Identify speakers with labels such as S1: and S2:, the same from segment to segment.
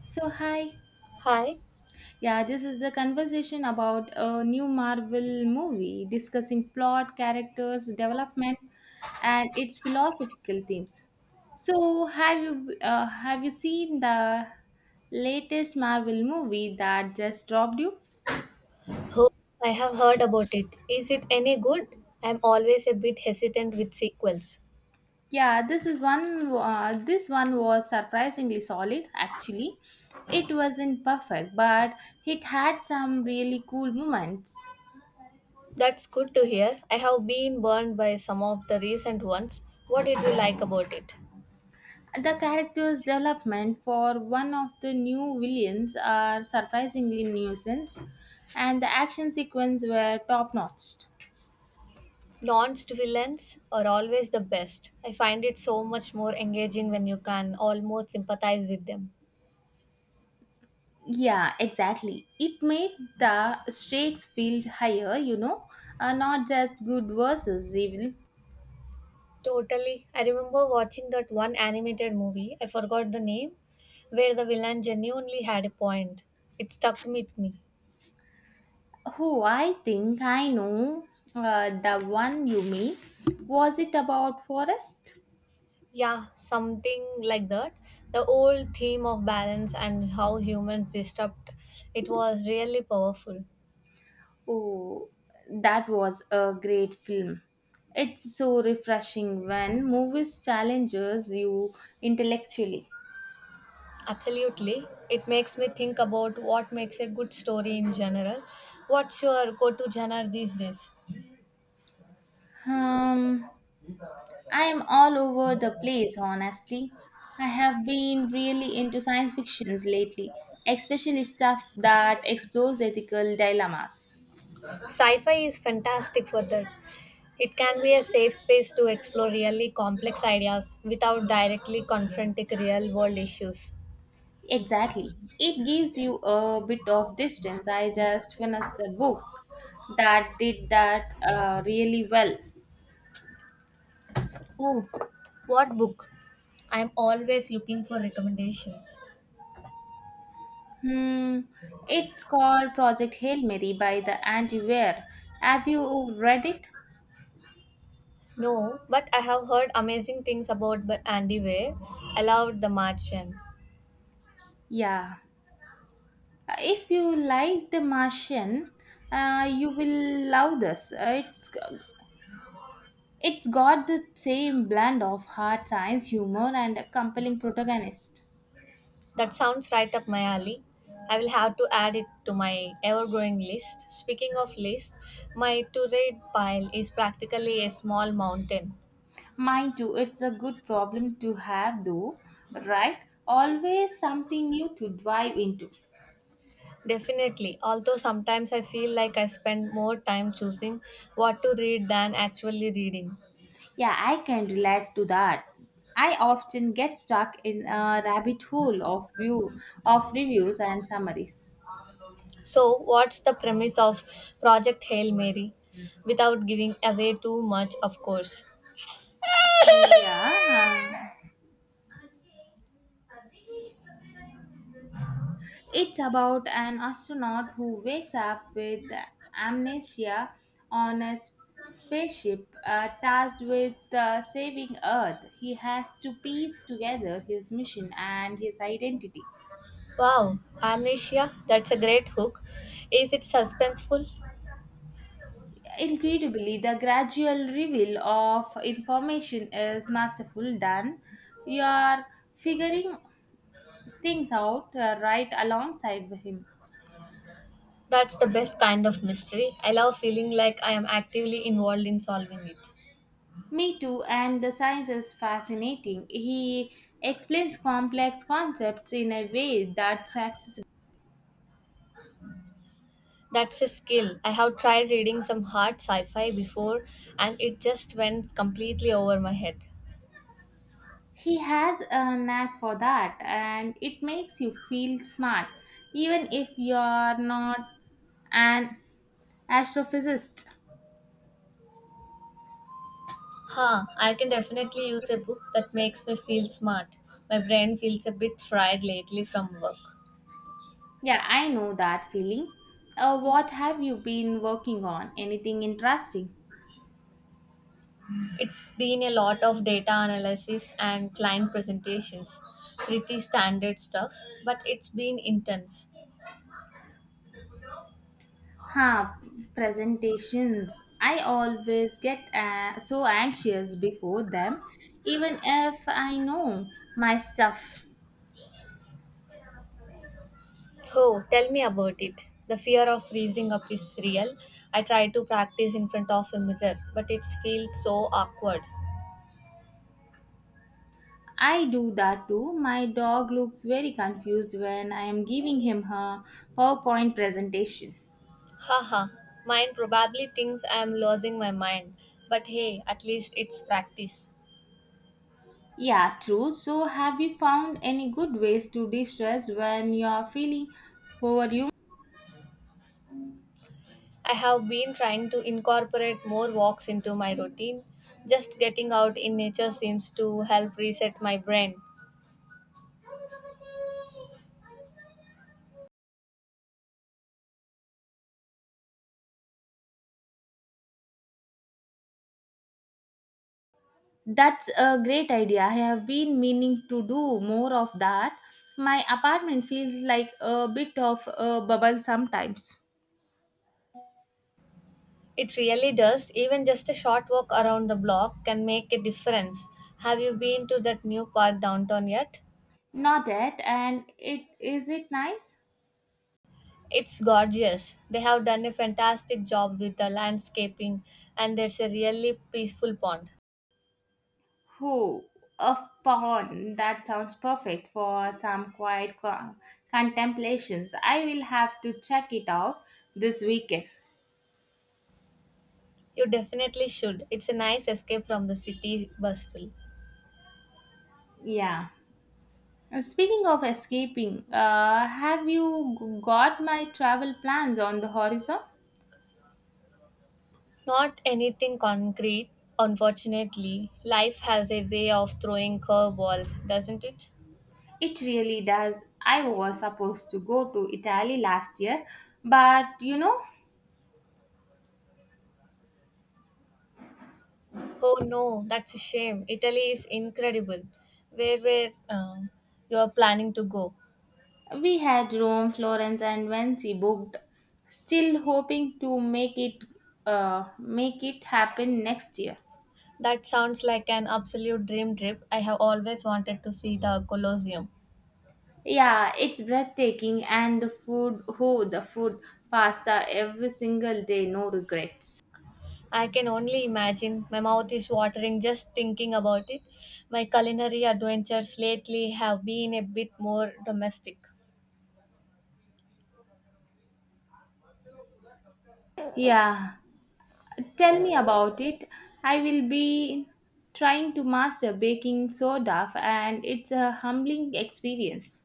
S1: So, hi.
S2: Hi.
S1: Yeah, this is a conversation about a new Marvel movie discussing plot, characters, development, and its philosophical themes. So, have you seen the latest Marvel movie that just dropped you?
S2: Oh, I have heard about it. Is it any good? I'm always a bit hesitant with sequels.
S1: Yeah, this is one. This one was surprisingly solid. Actually, it wasn't perfect, but it had some really cool moments.
S2: That's good to hear. I have been burned by some of the recent ones. What did you like about it?
S1: The character's development for one of the new villains are surprisingly nuisance, and the action sequence were top notch.
S2: Launched villains are always the best. I find it so much more engaging when you can almost sympathize with them.
S1: Yeah, exactly. It made the stakes feel higher, not just good versus evil.
S2: Totally. I remember watching that one animated movie, I forgot the name, where the villain genuinely had a point. It stuck with me.
S1: Who I think I know the one you mean. Was it about Forest?
S2: Yeah, something like that. The old theme of balance and how humans disrupt it was really powerful.
S1: Oh, that was a great film. It's so refreshing when movies challenges you intellectually.
S2: Absolutely. It makes me think about what makes a good story in general. What's your go to genre these days?
S1: Um, I am all over the place, honestly. I have been really into science fictions lately, especially stuff that explores ethical dilemmas.
S2: Sci fi is fantastic for that. It can be a safe space to explore really complex ideas without directly confronting real world issues.
S1: Exactly. It gives you a bit of distance. I just finished a book that did that really well.
S2: Ooh, what book? I'm always looking for recommendations.
S1: Hmm, it's called Project Hail Mary by the Andy Weir. Have you read it?
S2: No, but I have heard amazing things about Andy Weir. I loved The Martian.
S1: Yeah. If you like The Martian, you will love this. It's got the same blend of hard science, humor, and a compelling protagonist.
S2: That sounds right up my alley. I will have to add it to my ever-growing list. Speaking of list, my to-read pile is practically a small mountain.
S1: Mind too, it's a good problem to have, though, right? Always something new to dive into.
S2: Definitely, although sometimes I feel like I spend more time choosing what to read than actually reading.
S1: Yeah, I can relate to that. I often get stuck in a rabbit hole of view of reviews and summaries.
S2: So, what's the premise of Project Hail Mary? Without giving away too much, of course.
S1: Yeah. It's about an astronaut who wakes up with amnesia on a spaceship tasked with saving Earth. He has to piece together his mission and his identity.
S2: Wow, amnesia, that's a great hook. Is it suspenseful?
S1: Incredibly, the gradual reveal of information is masterful done. You are figuring things out right alongside with him.
S2: That's the best kind of mystery. I love feeling like I am actively involved in solving it.
S1: Me too, and the science is fascinating. He explains complex concepts in a way that's accessible.
S2: That's a skill. I have tried reading some hard sci fi before and it just went completely over my head.
S1: He has a knack for that, and it makes you feel smart, even if you're not an astrophysicist.
S2: Huh, I can definitely use a book that makes me feel smart. My brain feels a bit fried lately from work.
S1: Yeah, I know that feeling. What have you been working on? Anything interesting?
S2: It's been a lot of data analysis and client presentations. Pretty standard stuff, but it's been intense.
S1: Huh, presentations. I always get so anxious before them, even if I know my stuff.
S2: Oh, tell me about it. The fear of freezing up is real. I try to practice in front of a mirror, but it feels so awkward.
S1: I do that too. My dog looks very confused when I am giving him her PowerPoint presentation.
S2: Haha, mine probably thinks I am losing my mind, but hey, at least it's practice.
S1: Yeah, true. So, have you found any good ways to de stress when you are feeling overwhelmed?
S2: I have been trying to incorporate more walks into my routine. Just getting out in nature seems to help reset my brain.
S1: That's a great idea. I have been meaning to do more of that. My apartment feels like a bit of a bubble sometimes.
S2: It really does. Even just a short walk around the block can make a difference. Have you been to that new park downtown yet?
S1: Not yet, and it is it nice?
S2: It's gorgeous. They have done a fantastic job with the landscaping, and there's a really peaceful pond.
S1: Who a pond that sounds perfect for some quiet contemplations. I will have to check it out this weekend.
S2: You definitely should. It's a nice escape from the city bustle.
S1: Yeah. And speaking of escaping, have you got my travel plans on the horizon?
S2: Not anything concrete, unfortunately. Life has a way of throwing curveballs, doesn't it?
S1: It really does. I was supposed to go to Italy last year, but you know,
S2: Oh no, that's a shame. Italy is incredible. Where you are planning to go?
S1: we had Rome, Florence, and Venice booked. Still hoping to make it make it happen next year.
S2: That sounds like an absolute dream trip. I have always wanted to see the Colosseum.
S1: Yeah, it's breathtaking and the food, oh, the food, pasta every single day, no regrets.
S2: I can only imagine. My mouth is watering just thinking about it. My culinary adventures lately have been a bit more domestic.
S1: Yeah, tell me about it. I will be trying to master baking soda and it's a humbling experience.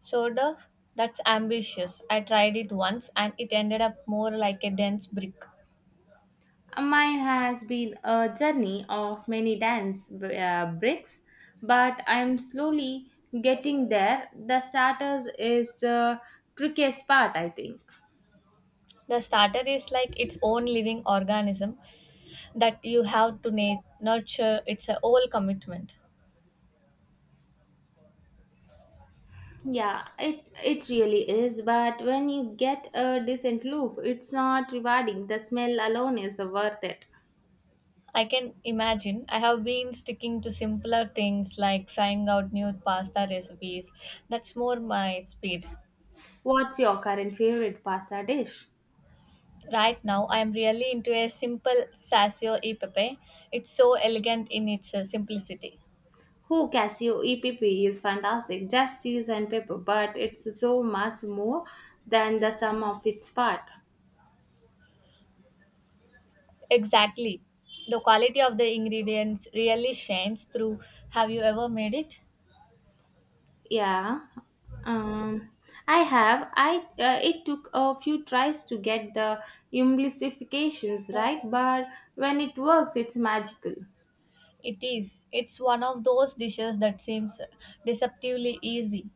S2: Sort of. That's ambitious. I tried it once and it ended up more like a dense brick.
S1: Mine has been a journey of many bricks, but I'm slowly getting there. The starters is the trickiest part, I think.
S2: The starter is like its own living organism, that you have to nurture. It's a whole commitment.
S1: Yeah, it really is. But when you get a decent loaf, it's not rewarding. The smell alone is worth it.
S2: I can imagine. I have been sticking to simpler things like trying out new pasta recipes. That's more my speed.
S1: What's your current favorite pasta dish?
S2: Right now I am really into a simple sacio e pepe. It's so elegant in its simplicity.
S1: Who Casio EPP is fantastic. Just use and paper, but it's so much more than the sum of its part.
S2: Exactly, the quality of the ingredients really shines through. Have you ever made it?
S1: Yeah, um, I have. I it took a few tries to get the implications right, but when it works, it's magical.
S2: It is it's one of those dishes that seems deceptively easy.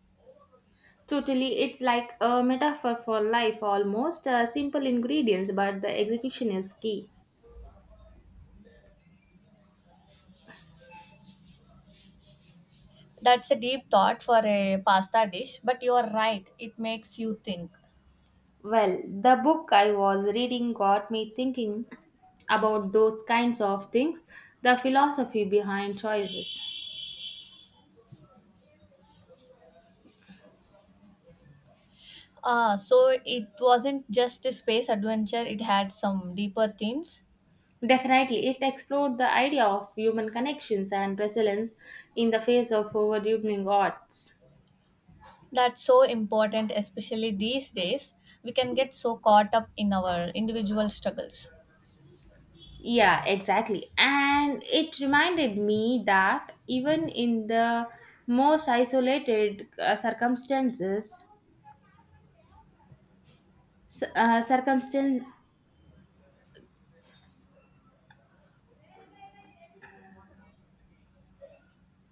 S1: Totally, it's like a metaphor for life almost. Simple ingredients, but the execution is key.
S2: That's a deep thought for a pasta dish, but you are right. It makes you think.
S1: Well, the book I was reading got me thinking about those kinds of things, the philosophy behind choices.
S2: Ah, so it wasn't just a space adventure, it had some deeper themes.
S1: Definitely, it explored the idea of human connections and resilience in the face of overwhelming odds.
S2: That's so important, especially these days. We can get so caught up in our individual struggles.
S1: Yeah, exactly. And it reminded me that even in the most isolated s- uh, circumstance,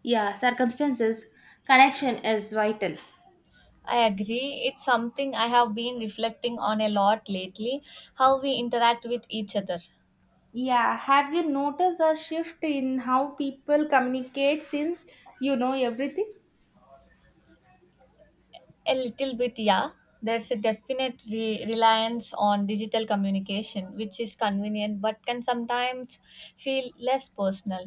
S1: yeah, circumstances, connection is vital.
S2: I agree. It's something I have been reflecting on a lot lately, how we interact with each other.
S1: Yeah, have you noticed a shift in how people communicate since you know everything?
S2: A little bit, yeah. There's a definite reliance on digital communication, which is convenient but can sometimes feel less personal.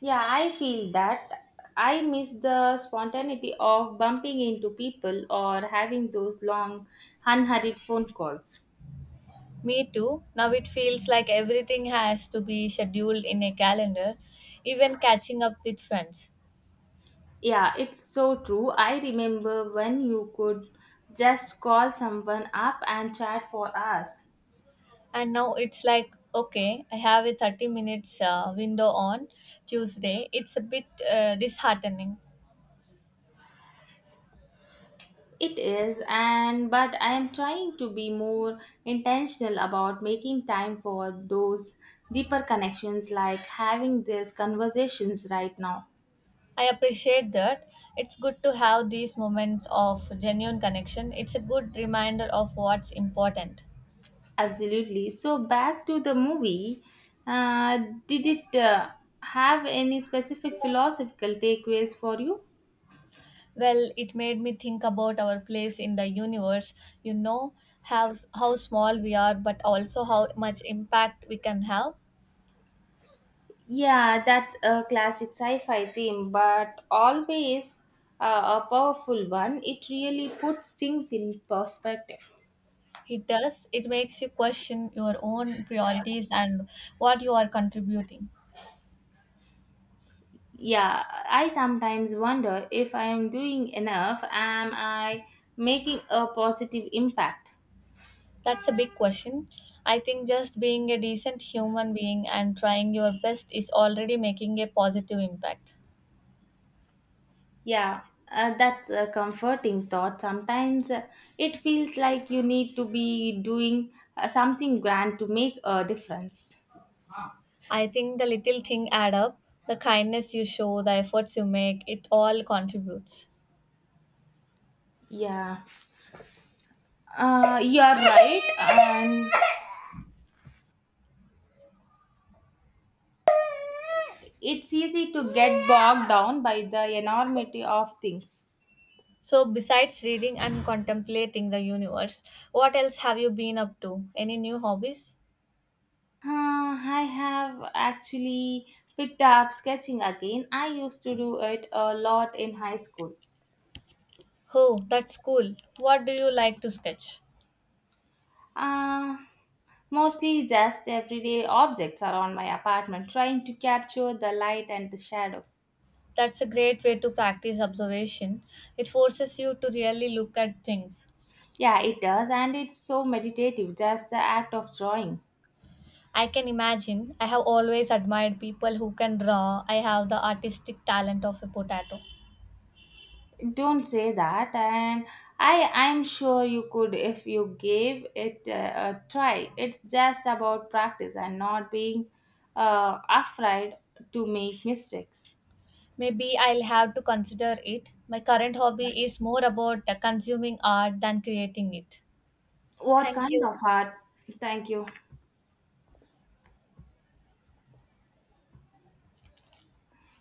S1: Yeah, I feel that. I miss the spontaneity of bumping into people or having those long, unhurried phone calls.
S2: Me too. Now it feels like everything has to be scheduled in a calendar, even catching up with friends.
S1: Yeah, it's so true. I remember when you could just call someone up and chat for hours.
S2: And now it's like, okay, I have a 30 minutes window on Tuesday. It's a bit disheartening.
S1: It is, and but I am trying to be more intentional about making time for those deeper connections, like having these conversations right now.
S2: I appreciate that. It's good to have these moments of genuine connection. It's a good reminder of what's important.
S1: Absolutely. So back to the movie. Uh, did it have any specific philosophical takeaways for you?
S2: Well, it made me think about our place in the universe. You know how small we are, but also how much impact we can have.
S1: Yeah, that's a classic sci-fi theme, but always a powerful one. It really puts things in perspective.
S2: It does. It makes you question your own priorities and what you are contributing.
S1: Yeah, I sometimes wonder if I am doing enough. Am I making a positive impact?
S2: That's a big question. I think just being a decent human being and trying your best is already making a positive impact.
S1: Yeah, that's a comforting thought. Sometimes it feels like you need to be doing something grand to make a difference.
S2: I think the little thing add up. The kindness you show, the efforts you make, it all contributes.
S1: Yeah, you are right, and it's easy to get bogged down by the enormity of things.
S2: So besides reading and contemplating the universe, what else have you been up to? Any new hobbies?
S1: I have actually picked up sketching again. I used to do it a lot in high school.
S2: Oh, that's cool. What do you like to sketch?
S1: Uh, Mostly just everyday objects around my apartment trying to capture the light and the shadow.
S2: That's a great way to practice observation. It forces you to really look at things.
S1: Yeah, it does, and it's so meditative, just the act of drawing.
S2: I can imagine. I have always admired people who can draw. I have the artistic talent of a potato.
S1: Don't say that, and I'm sure you could if you gave it a try. It's just about practice and not being afraid to make mistakes.
S2: Maybe I'll have to consider it. My current hobby is more about consuming art than creating it.
S1: What
S2: Thank
S1: kind
S2: you.
S1: of art? Thank you.